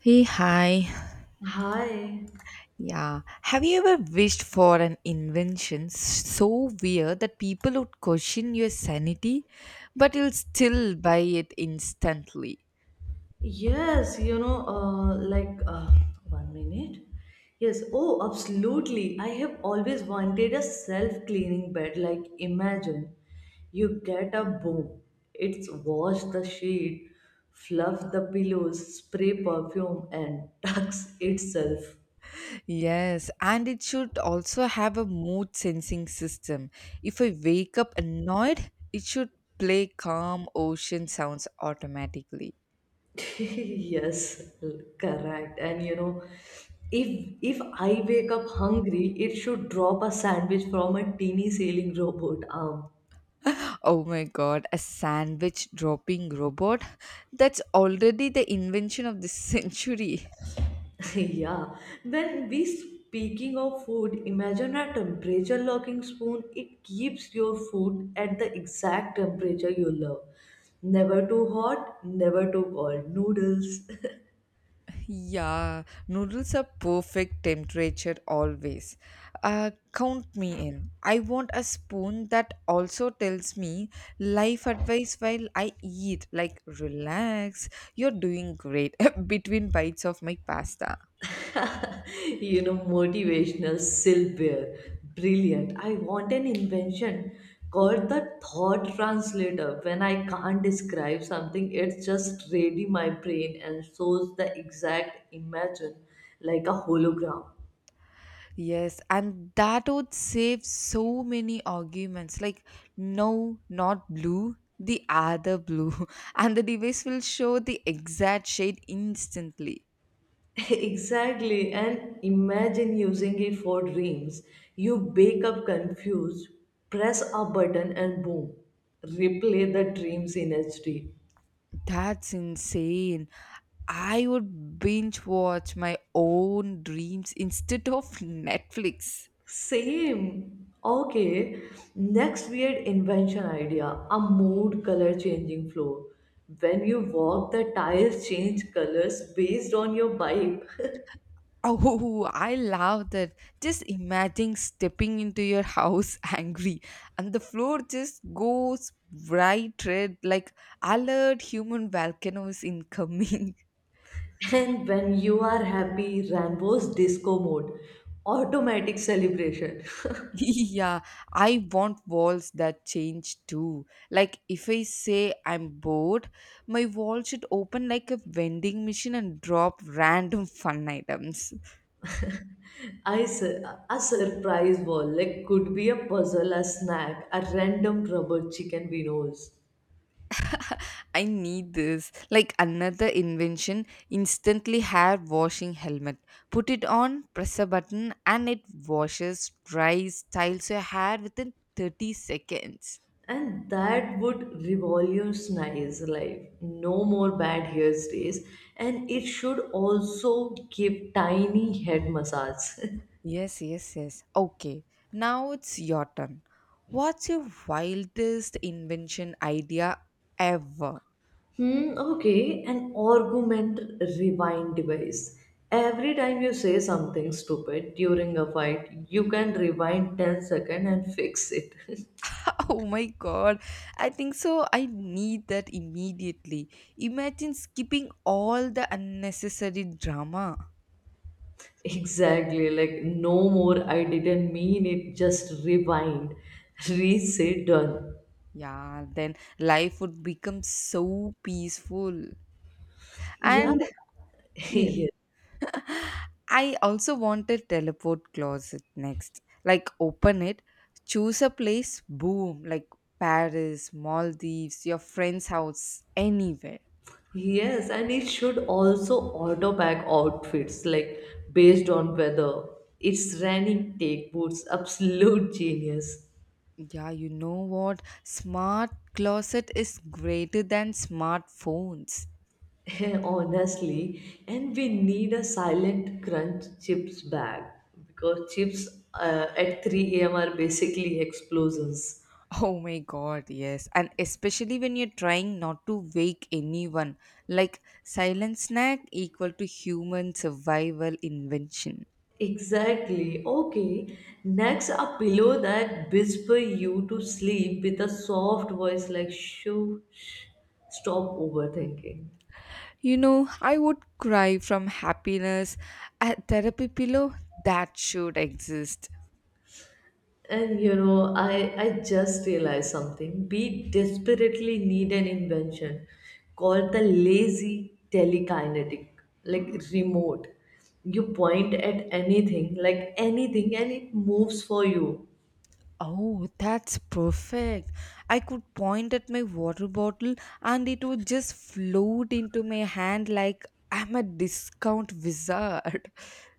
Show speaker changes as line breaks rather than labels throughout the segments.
Hey, hi.
Hi.
Yeah. Have you ever wished for an invention so weird that people would question your sanity, but you'll still buy it instantly?
Yes, 1 minute. Yes, oh, Absolutely. I have always wanted a self-cleaning bed. Like, imagine you get a boom, it's wash the sheet, fluff the pillows, spray perfume, and tucks itself.
Yes, and it should also have a mood sensing system. If I wake up annoyed, it should play calm ocean sounds automatically.
Yes, correct. And you know, if I wake up hungry, it should drop a sandwich from a teeny sailing robot arm.
Oh my god, a sandwich dropping robot? That's already the invention of the century.
Yeah. When we speaking of food, imagine a temperature locking spoon. It keeps your food at the exact temperature you love. Never too hot, never too cold. Noodles,
Yeah, noodles are perfect temperature always. Count me in. I want a spoon that also tells me life advice while I eat, like relax, you're doing great between bites of my pasta.
you know, motivational silverware. Brilliant. I want an invention called the thought translator. When I can't describe something, it just ready my brain and shows the exact imagine like a hologram.
Yes, and that would save so many arguments like no, not blue, the other blue, and the device will show the exact shade instantly.
Exactly, and imagine using it for dreams. You wake up confused, press a button, and boom, replay the dreams in HD.
That's insane. I would binge watch my own dreams instead of Netflix.
Same. Okay, next weird invention idea, a mood color changing floor. When you walk, the tiles change colors based on your vibe.
Oh, I love that. Just imagine stepping into your house angry and the floor just goes bright red like alert human volcanoes incoming.
And when you are happy, Rambo's disco mode, automatic celebration.
Yeah, I want walls that change too. Like if I say I'm bored, my wall should open like a vending machine and drop random fun items.
I sur a surprise wall like could be a puzzle, a snack, a random rubber chicken winos.
I need this. Like another invention, instantly hair washing helmet. Put it on, press a button, and it washes, dries, styles your hair within 30 seconds.
And that would revolutionize life. No more bad hairstays. And it should also give tiny head massage.
Yes, yes, yes. Okay, now it's your turn. What's your wildest invention idea ever?
Hmm, okay, an argument rewind device. Every time you say something stupid during a fight, you can rewind 10 seconds and fix it.
Oh my god, I think so. I need that immediately. Imagine skipping all the unnecessary drama.
Exactly, like no more, I didn't mean it, just rewind, reset, done.
Yeah, then life would become so peaceful.
Yeah.
And yes.
Yes.
I also wanted teleport closet next. Like open it, choose a place, boom, like Paris, Maldives, your friend's house, anywhere.
Yes, and it should also auto pack outfits like based on weather. It's raining, take boots, absolute genius.
Yeah, you know what? Smart closet is greater than smartphones.
Honestly, and we need a silent crunch chips bag because chips at 3 a.m. are basically explosions.
Oh my god, yes. And especially when you're trying not to wake anyone, like silent snack equal to human survival invention.
Exactly. Okay. Next, a pillow that whisper you to sleep with a soft voice like shoo, shh, stop overthinking.
You know, I would cry from happiness. A therapy pillow that should exist.
And you know, I just realized something. We desperately need an invention called the lazy telekinetic, like remote. You point at anything, like anything, and it moves for you.
Oh, that's perfect. I could point at my water bottle and it would just float into my hand like I'm a discount wizard.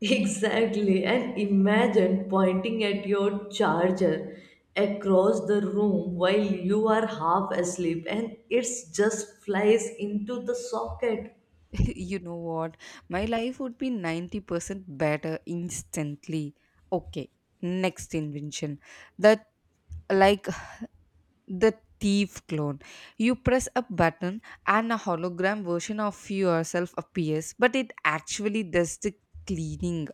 Exactly, and imagine pointing at your charger across the room while you are half asleep and it just flies into the socket.
You know what? My life would be 90% better instantly. Okay, next invention. That like the thief clone. You press a button and a hologram version of yourself appears, but it actually does the cleaning.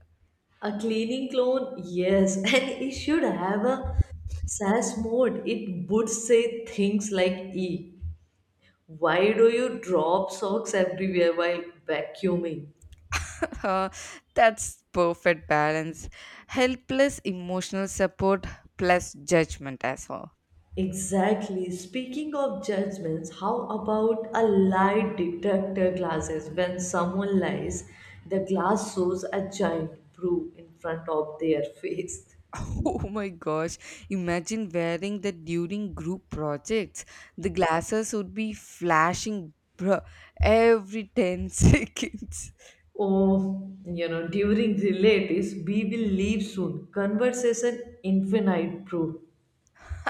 A cleaning clone, yes, and it should have a SAS mode. It would say things like E. Why do you drop socks everywhere while vacuuming?
That's perfect balance. Helpless emotional support plus judgment as well.
Exactly. Speaking of judgments, how about a lie detector glasses? When someone lies, the glass shows a giant brew in front of their face.
Oh my gosh, imagine wearing that during group projects. The glasses would be flashing bruh, every 10 seconds.
Oh, you know, during relatives, we will leave soon. Conversation infinite brew.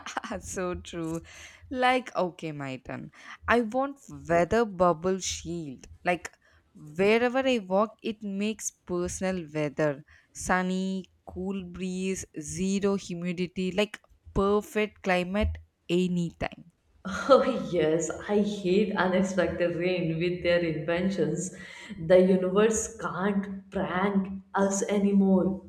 That's so true. Like, okay, my turn. I want weather bubble shield. Like, wherever I walk, it makes personal weather. Sunny, cool breeze, zero humidity, like perfect climate anytime.
Oh yes, I hate unexpected rain with their inventions. The universe can't prank us anymore.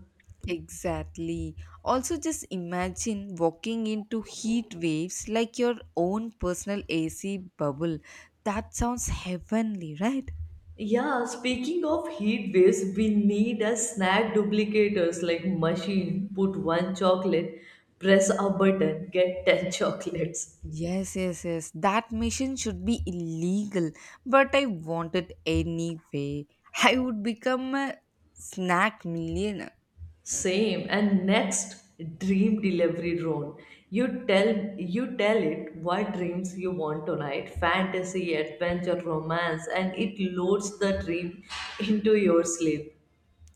Exactly. Also, just imagine walking into heat waves like your own personal AC bubble. That sounds heavenly, right?
Yeah, speaking of heat waves, we need a snack duplicators like machine. Put one chocolate, press a button, get 10 chocolates.
Yes, yes, yes. That mission should be illegal, but I want it anyway. I would become a snack millionaire.
Same. And next, dream delivery drone. You tell you tell it what dreams you want tonight. Fantasy, adventure, romance, and it loads the dream into your sleep.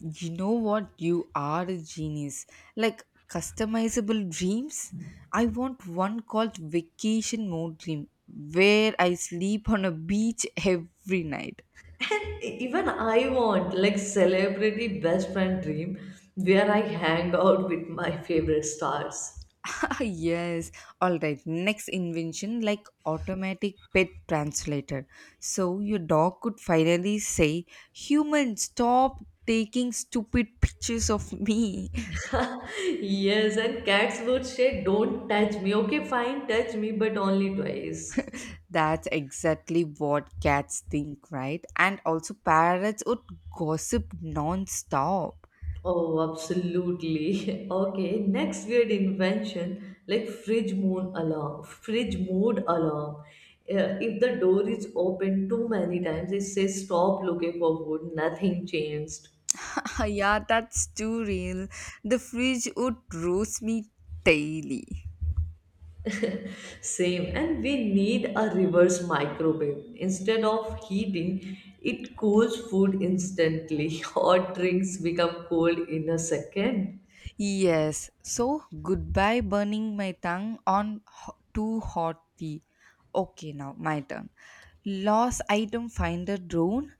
You know what? You are a genius. Like customizable dreams. I want one called vacation mode dream where I sleep on a beach every night.
Even I want like celebrity best friend dream where I hang out with my favorite stars.
Ah, yes. All right. Next invention, like automatic pet translator. So your dog could finally say, "Human, stop taking stupid pictures of me."
Yes, and cats would say don't touch me, okay, fine, touch me but only twice.
That's exactly what cats think, right? And also parrots would gossip non-stop.
Oh, absolutely. Okay, next weird invention like fridge moon alarm, fridge mood alarm. If the door is open too many times it says stop looking for food, nothing changed.
Yeah, that's too real. The fridge would roast me daily.
Same, and we need a reverse microwave. Instead of heating, it cools food instantly. Hot drinks become cold in a second.
Yes, so goodbye burning my tongue on too hot tea. Okay, now my turn. Lost item finder drone.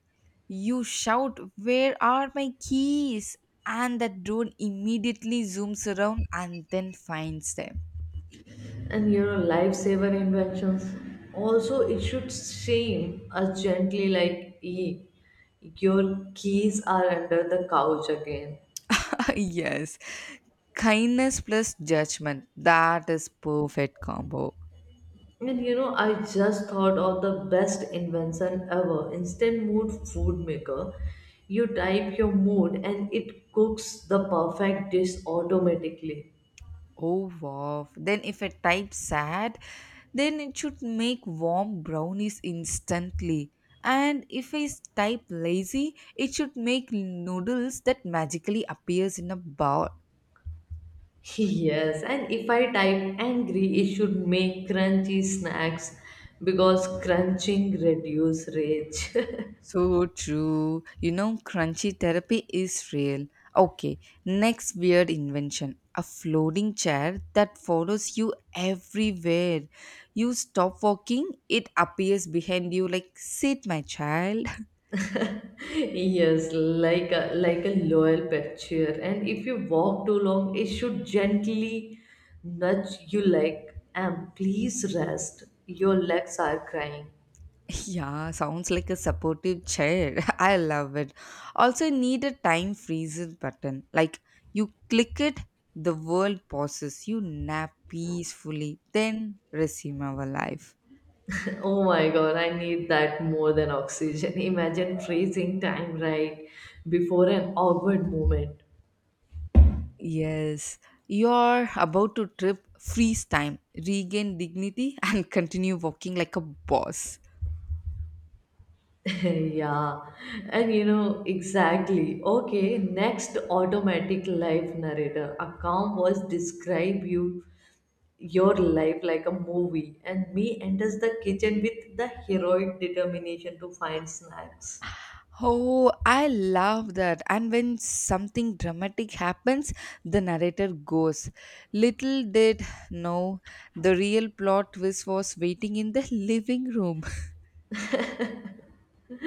You shout, where are my keys? And that drone immediately zooms around and then finds them.
And you know, lifesaver inventions. Also, it should shame us gently, like, "Hey, your keys are under the couch again."
Yes, kindness plus judgment. That is perfect combo.
And you know, I just thought of the best invention ever, instant mood food maker. You type your mood and it cooks the perfect dish automatically.
Oh wow. Then if I type sad, then it should make warm brownies instantly. And if I type lazy, it should make noodles that magically appears in a bowl.
Yes, and if I type angry, it should make crunchy snacks because crunching reduce rage.
So true. You know, crunchy therapy is real. Okay, next weird invention. A floating chair that follows you everywhere. You stop walking, it appears behind you like, sit, my child.
Yes, like a loyal pet cheer. And if you walk too long, it should gently nudge you like, and please rest. Your legs are crying.
Yeah, sounds like a supportive chair. I love it. Also, need a time freezes button. Like you click it, the world pauses. You nap peacefully, then resume our life.
Oh my god, I need that more than oxygen. Imagine freezing time right before an awkward moment.
Yes, you're about to trip. Freeze time, regain dignity, and continue walking like a boss.
Yeah. And you know, exactly. Okay, next, automatic life narrator. A calm voice describe you your life like a movie and me enters the kitchen with the heroic determination to find snacks.
Oh, I love that. And when something dramatic happens, the narrator goes, little did know the real plot twist was waiting in the living room.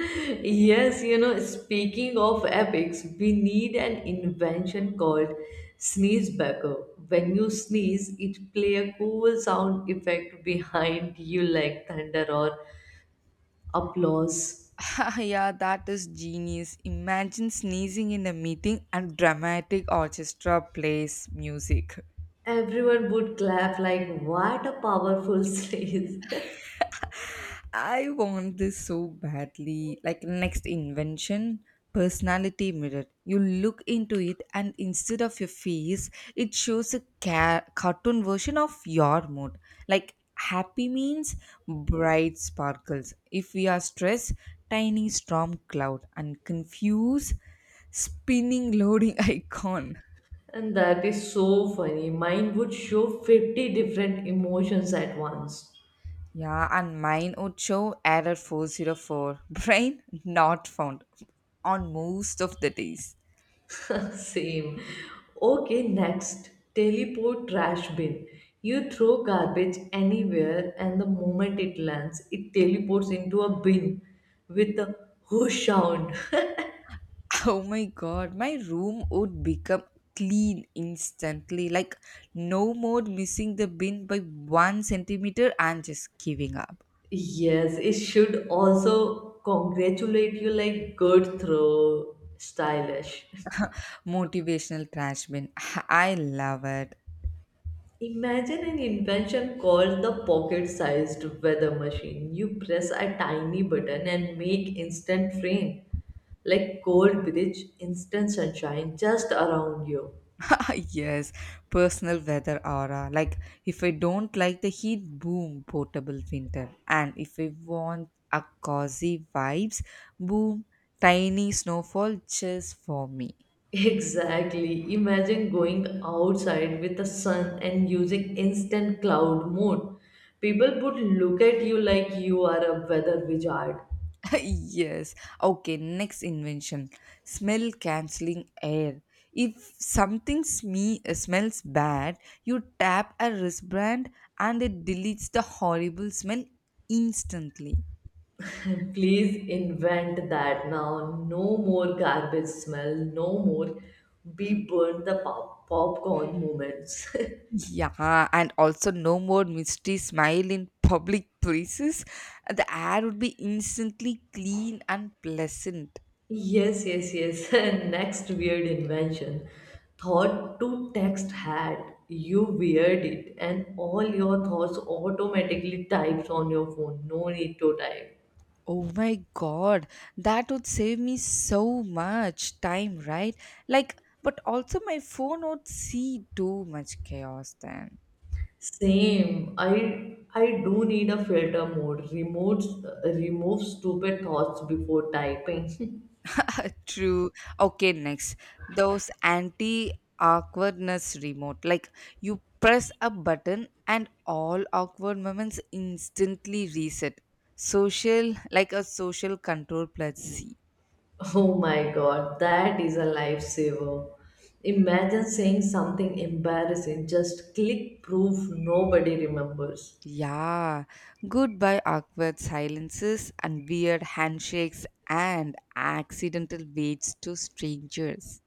Yes, you know, speaking of epics, we need an invention called sneezebacker. When you sneeze it play a cool sound effect behind you like thunder or applause.
Ah, yeah, that is genius. Imagine sneezing in a meeting and dramatic orchestra plays music.
Everyone would clap like what a powerful sneeze.
I want this so badly. Like next invention, personality mirror. You look into it, and instead of your face, it shows a cartoon version of your mood. Like happy means bright sparkles. If we are stressed, tiny storm cloud, and confused, spinning loading icon.
And that is so funny. Mine would show 50 different emotions at once.
Yeah, and mine would show error 404. Brain not found on most of the days.
Same. Okay, next. Teleport trash bin. You throw garbage anywhere, and the moment it lands, it teleports into a bin with a whoosh sound.
Oh my god, my room would become clean instantly. Like, no more missing the bin by one centimeter and just giving up.
Yes, it should also congratulate you like good throw, stylish.
Motivational trash bin. I love it.
Imagine an invention called the pocket sized weather machine. You press a tiny button and make instant rain, like cold bridge, instant sunshine just around you.
Yes, personal weather aura. Like, if I don't like the heat, boom, portable winter. And if I want a cozy vibes, boom, tiny snowfall just for me.
Exactly. Imagine going outside with the sun and using instant cloud mode. People would look at you like you are a weather wizard.
Yes. Okay, next invention smell cancelling air. If something smells bad, you tap a wristband and it deletes the horrible smell instantly.
And please invent that now. No more garbage smell. No more we burn the pop- popcorn moments.
Yeah, and also no more misty smile in public places. The air would be instantly clean and pleasant.
Yes, yes, yes. Next weird invention. Thought to text hat. You weird it, and all your thoughts automatically types on your phone. No need to type.
Oh my god, that would save me so much time, right? Like, but also my phone would see too much chaos then.
Same. I do need a filter mode. Removes stupid thoughts before typing.
True. Okay, next. Those anti awkwardness remote. Like, you press a button and all awkward moments instantly reset. Social, like a social control plus C.
Oh my god, that is a lifesaver. Imagine saying something embarrassing, just click, proof nobody remembers.
Yeah, goodbye awkward silences and weird handshakes and accidental waves to strangers.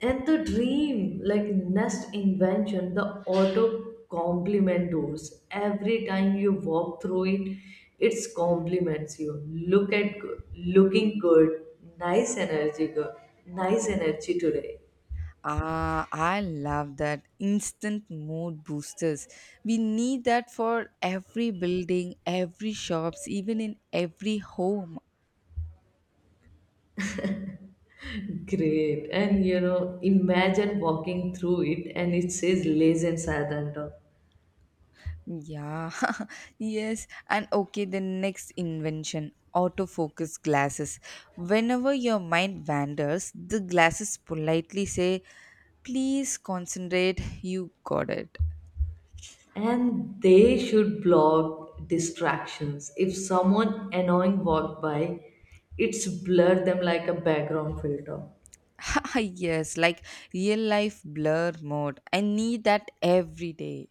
And the dream, like next invention, the auto compliment doors. Every time you walk through it, it compliments you. Look at good, looking good, nice energy, girl. Nice energy today.
Ah, I love that instant mood boosters. We need that for every building, every shops, even in every home.
Great. And you know, imagine walking through it and it says lazy and sadhanta.
Yeah, yes. And okay, the next invention autofocus glasses. Whenever your mind wanders, the glasses politely say, please concentrate, you got it.
And they should block distractions. If someone annoying walked by, it's blurred them like a background filter.
Yes, like real life blur mode. I need that every day.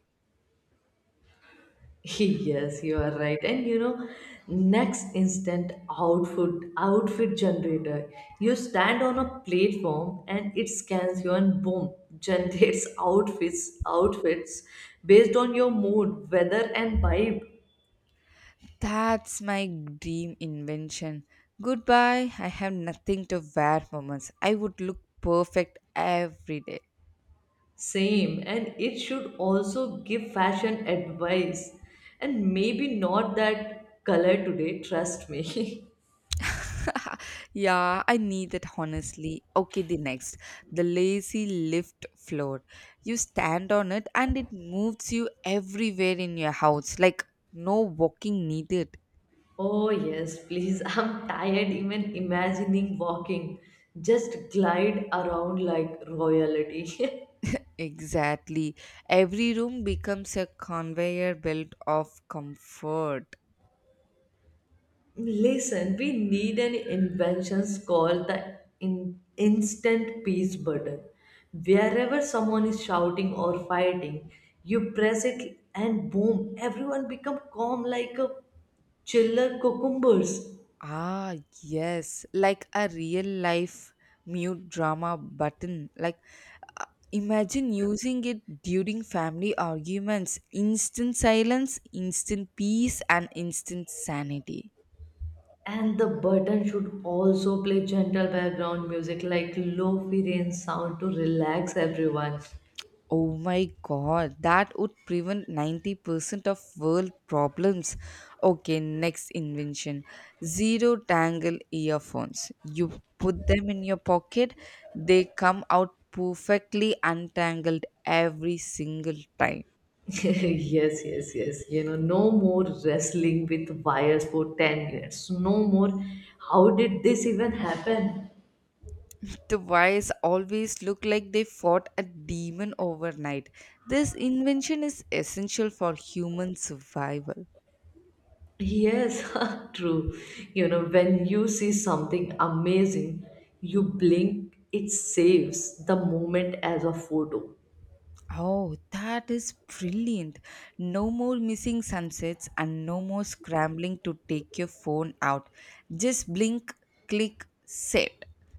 Yes, you are right. And you know, next instant outfit generator. You stand on a platform and it scans you and boom, generates outfits based on your mood, weather and vibe.
That's my dream invention. Goodbye, I have nothing to wear moments. I would look perfect every day.
Same, and it should also give fashion advice and maybe not that color today, trust me.
Yeah, I need it honestly. Okay, the next. The lazy lift floor. You stand on it and it moves you everywhere in your house. Like, no walking needed.
Oh, yes, please, I'm tired even imagining walking. Just glide around like royalty.
Exactly. Every room becomes a conveyor belt of comfort.
Listen, we need an inventions called the in- instant peace button. Wherever someone is shouting or fighting, you press it and boom, everyone become calm like a chiller cucumbers.
Ah, yes. Like a real life mute drama button. Like, Uh, imagine using it during family arguments. Instant silence, instant peace, and instant sanity.
And the button should also play gentle background music like low fi rain sound to relax everyone.
Oh my god, that would prevent 90% of world problems. Okay, next invention zero tangle earphones. You put them in your pocket, they come out perfectly untangled every single time.
Yes, yes, yes. You know, no more wrestling with wires for 10 minutes. No more. How did this even happen?
The wise always look like they fought a demon overnight. This invention is essential for human survival.
Yes, true. You know, when you see something amazing, you blink, it saves the moment as a photo.
Oh, that is brilliant. No more missing sunsets and no more scrambling to take your phone out. Just blink, click, set.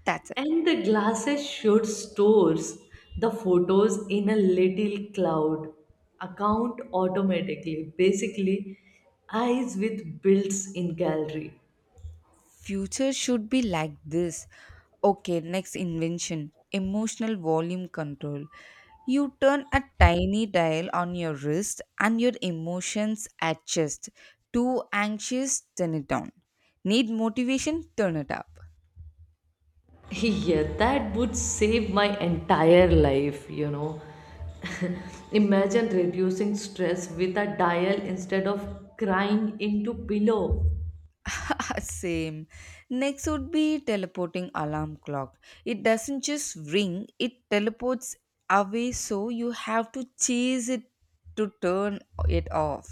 That's it.
And the glasses should stores the photos in a little cloud account automatically. Basically, eyes with builds in gallery.
Future should be like this. Okay, next invention emotional volume control. You turn a tiny dial on your wrist and your emotions adjust. Too anxious, turn it down. Need motivation, turn it up.
Yeah, that would save my entire life, you know. Imagine reducing stress with a dial instead of crying into pillow.
Same. Next would be teleporting alarm clock. It doesn't just ring, it teleports away, so you have to chase it to turn it off.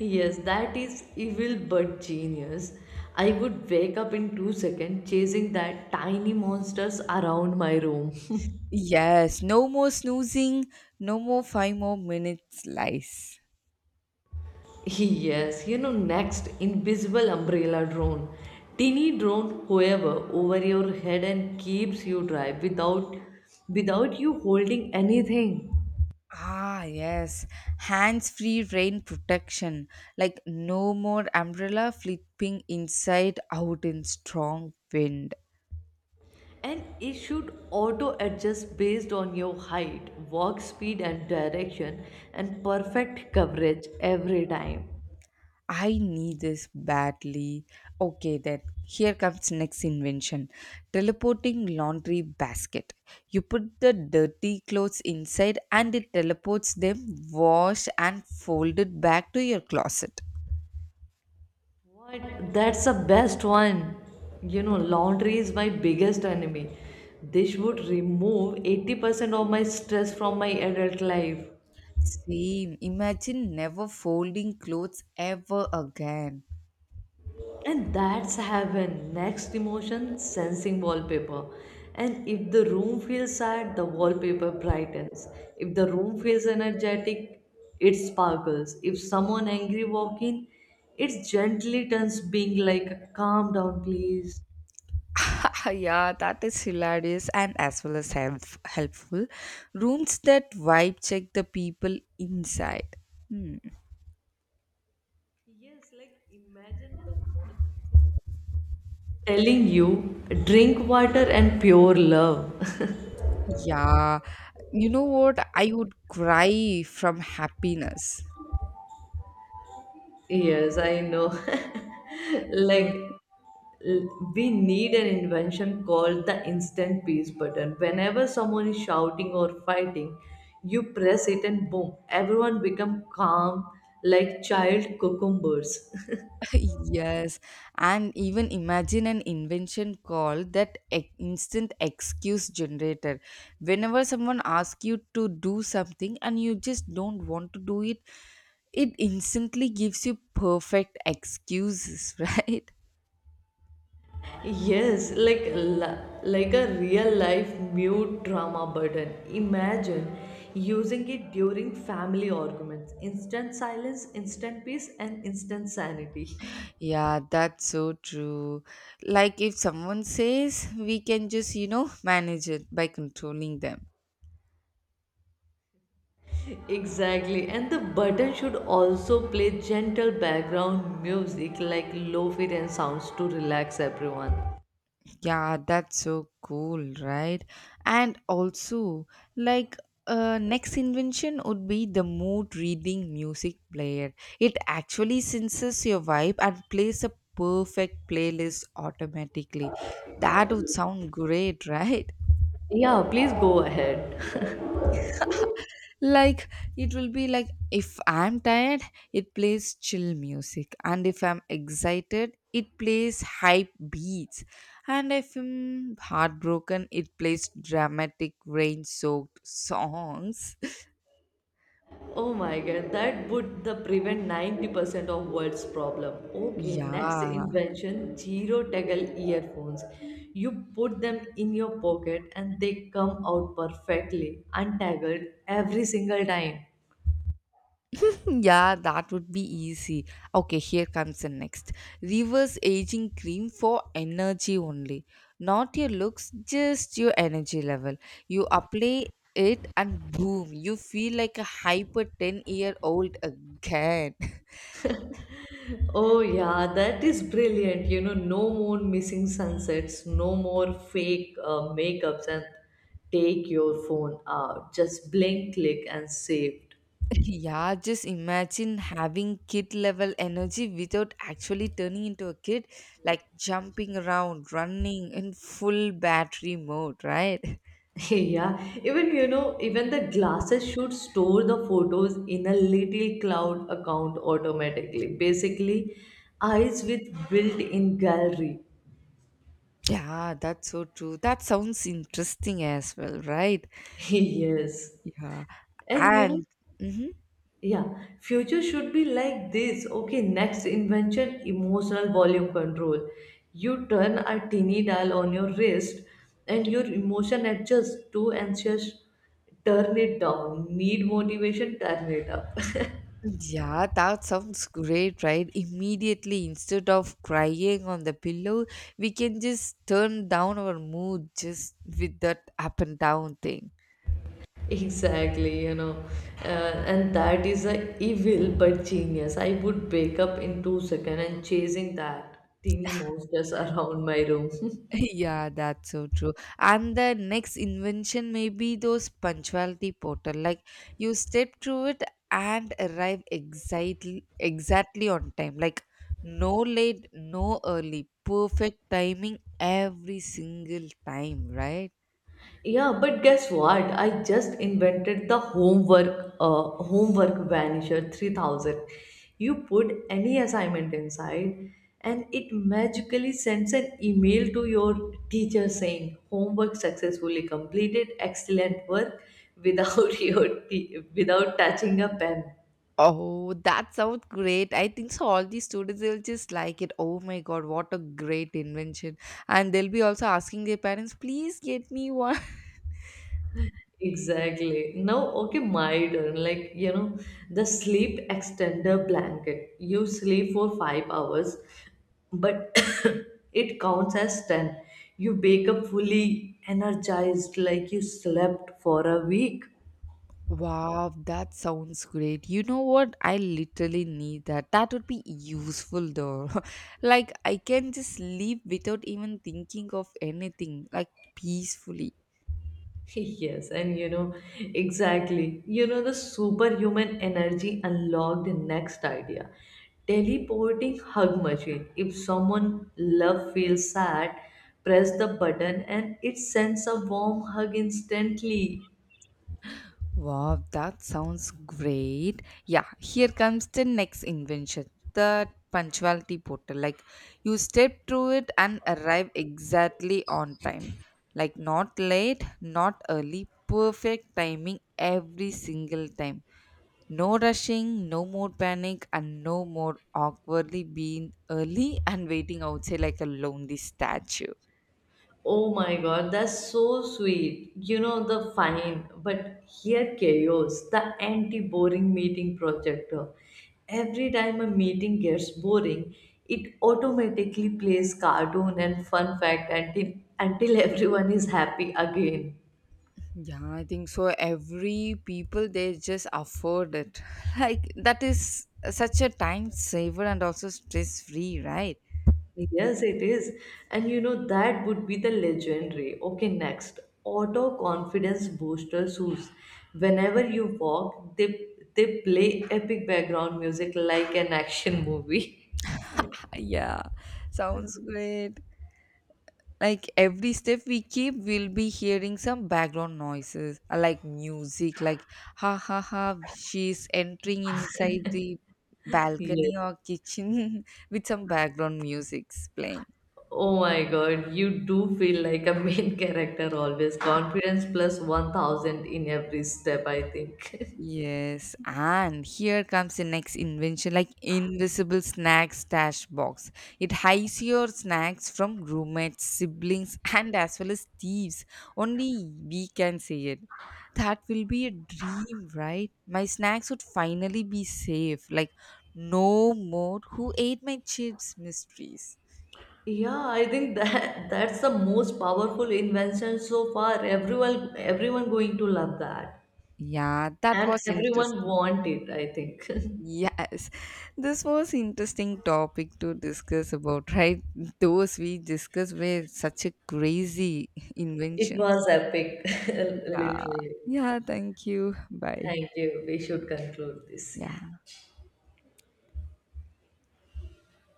Yes, that is evil but genius. I would wake up in 2 seconds chasing that tiny monsters around my room.
Yes, no more snoozing, no more five more minutes lies.
Yes, you know, next invisible umbrella drone. Teeny drone, however, over your head and keeps you dry without you holding anything.
Ah, yes, hands free rain protection. Like no more umbrella flipping inside out in strong wind.
And it should auto adjust based on your height, walk speed and direction and perfect coverage every time.
I need this badly. Okay, then here comes next invention teleporting laundry basket. You put the dirty clothes inside and it teleports them, washed and folded back to your closet.
What? That's the best one. You know, laundry is my biggest enemy. This would remove 80% of my stress from my adult life.
Same. Imagine never folding clothes ever again.
And that's heaven. Next, emotion sensing wallpaper. And if the room feels sad, the wallpaper brightens. If the room feels energetic, it sparkles. If someone angry walk in, it gently turns being like, calm down, please.
Yeah, that is hilarious and as well as helpful. Rooms that vibe check the people inside. Hmm.
Yes, like imagine the wall telling you, drink water and pure love.
Yeah, you know what? I would cry from happiness.
Yes, I know.
So
Like, l- we need an invention called the instant peace button. Whenever someone is shouting or fighting, you press it and boom, everyone become calm like child cucumbers.
yes, and even imagine an invention called that instant excuse generator. Whenever someone asks you to do something and you just don't want to do it, it instantly gives you perfect excuses, right?
Yes, like la- like a real life mute drama button. Imagine using it during family arguments. Instant silence, instant peace, and instant sanity.
Yeah, that's so true. Like if someone says, we can just, you know, manage it by controlling them.
Exactly, and the button should also play gentle background music like lo-fi and sounds to relax everyone.
Yeah, that's so cool, right? And also, like, next invention would be the mood reading music player. It actually senses your vibe and plays a perfect playlist automatically. That would sound great, right?
Yeah, please go ahead.
Like it will be like if I'm tired, it plays chill music, and if I'm excited it plays hype beats, and if I'm heartbroken it plays dramatic rain soaked songs.
Oh my god, that would the prevent 90% of world's problem. Okay, next
Yeah.
invention, zero tackle earphones. You put them in your pocket and they come out perfectly, untangled every single time.
Yeah, that would be easy. Okay, here comes the next. Reverse aging cream for energy only. Not your looks, just your energy level. You apply it and boom, you feel like a hyper 10-year-old again.
Oh, yeah, that is brilliant. You know, no more missing sunsets, no more fake makeups, and take your phone out. Just blink, click, and saved.
Yeah, just imagine having kid level energy without actually turning into a kid, like jumping around, running in full battery mode, right?
Yeah, even you know, even the glasses should store the photos in a little cloud account automatically. Basically, eyes with built-in gallery.
Yeah, that's so true. That sounds interesting as well, right?
Yes.
Yeah.
And you know,
And mhm.
yeah, future should be like this. Okay, next invention, emotional volume control. You turn a tiny dial on your wrist and your emotion adjusts to anxious, turn it down. Need motivation, turn it up.
Yeah, that sounds great, right? Immediately, instead of crying on the pillow, we can just turn down our mood just with that up and down thing.
Exactly, you know, uh, and that is a evil but genius. I would wake up in 2 seconds and chasing that teeny monsters around my room.
Yeah, that's so true. And the next invention may be those punctuality portal. Like you step through it and arrive exactly on time. Like no late, no early. Perfect timing every single time, right?
Yeah, but guess what? I just invented the homework homework vanisher 3000. You put any assignment inside and it magically sends an email to your teacher saying homework successfully completed, excellent work without your t- without touching a pen.
Oh, that sounds great. I think so all these students they'll just like it. Oh my god, what a great invention. And they'll be also asking their parents, please get me one.
Exactly. Now, okay, my turn. Like, you know, the sleep extender blanket. You sleep for 5 hours, but it counts as 10. You wake up fully energized, like you slept for a week.
Wow, that sounds great. You know what? I literally need that. That would be useful though. Like, I can just sleep without even thinking of anything, like, peacefully.
Yes, and you know, exactly. You know, the superhuman energy unlocked the next idea. Teleporting hug machine. If someone love feels sad, press the button and it sends a warm hug instantly.
Wow, that sounds great. Yeah, here comes the next invention the punctuality portal. Like, you step through it and arrive exactly on time. Like, not late, not early, perfect timing every single time. No rushing, no more panic, and no more awkwardly being early and waiting outside like a lonely statue.
Oh my god, that's so sweet. You know the fine, but here chaos, the anti-boring meeting projector. Every time a meeting gets boring, it automatically plays cartoon and fun fact until everyone is happy again.
Yeah, I think so. Every people they just afford it. Like that is such a time saver and also stress free, right?
Yes, it is. And you know, that would be the legendary. Okay, next. Auto confidence booster shoes. Whenever you walk, they play epic background music like an action movie.
Yeah, sounds great. Like every step we keep we'll be hearing some background noises like music like ha ha ha, she's entering inside the
Yes.
balcony or kitchen with some background music's playing.
Oh my God, you do feel like a main character always. Confidence plus 1000 in every step, I think.
Yes, and here comes the next invention like invisible snack stash box. It hides your snacks from roommates, siblings, and as well as thieves. Only we can see it. That will be a dream, right? My snacks would finally be safe. Like, no more who ate my chips mysteries.
Yeah, I think that that's the most powerful invention so far. Everyone going to love that.
Yeah, that
And
was
everyone
interesting.
want it, I think.
Yes, this was interesting topic to discuss about, right? Those we discussed were such a crazy
It
inventions.
was epic,
Yeah.
literally.
Yeah, thank you. Bye.
Thank you. We should conclude this. Yeah.
Yeah.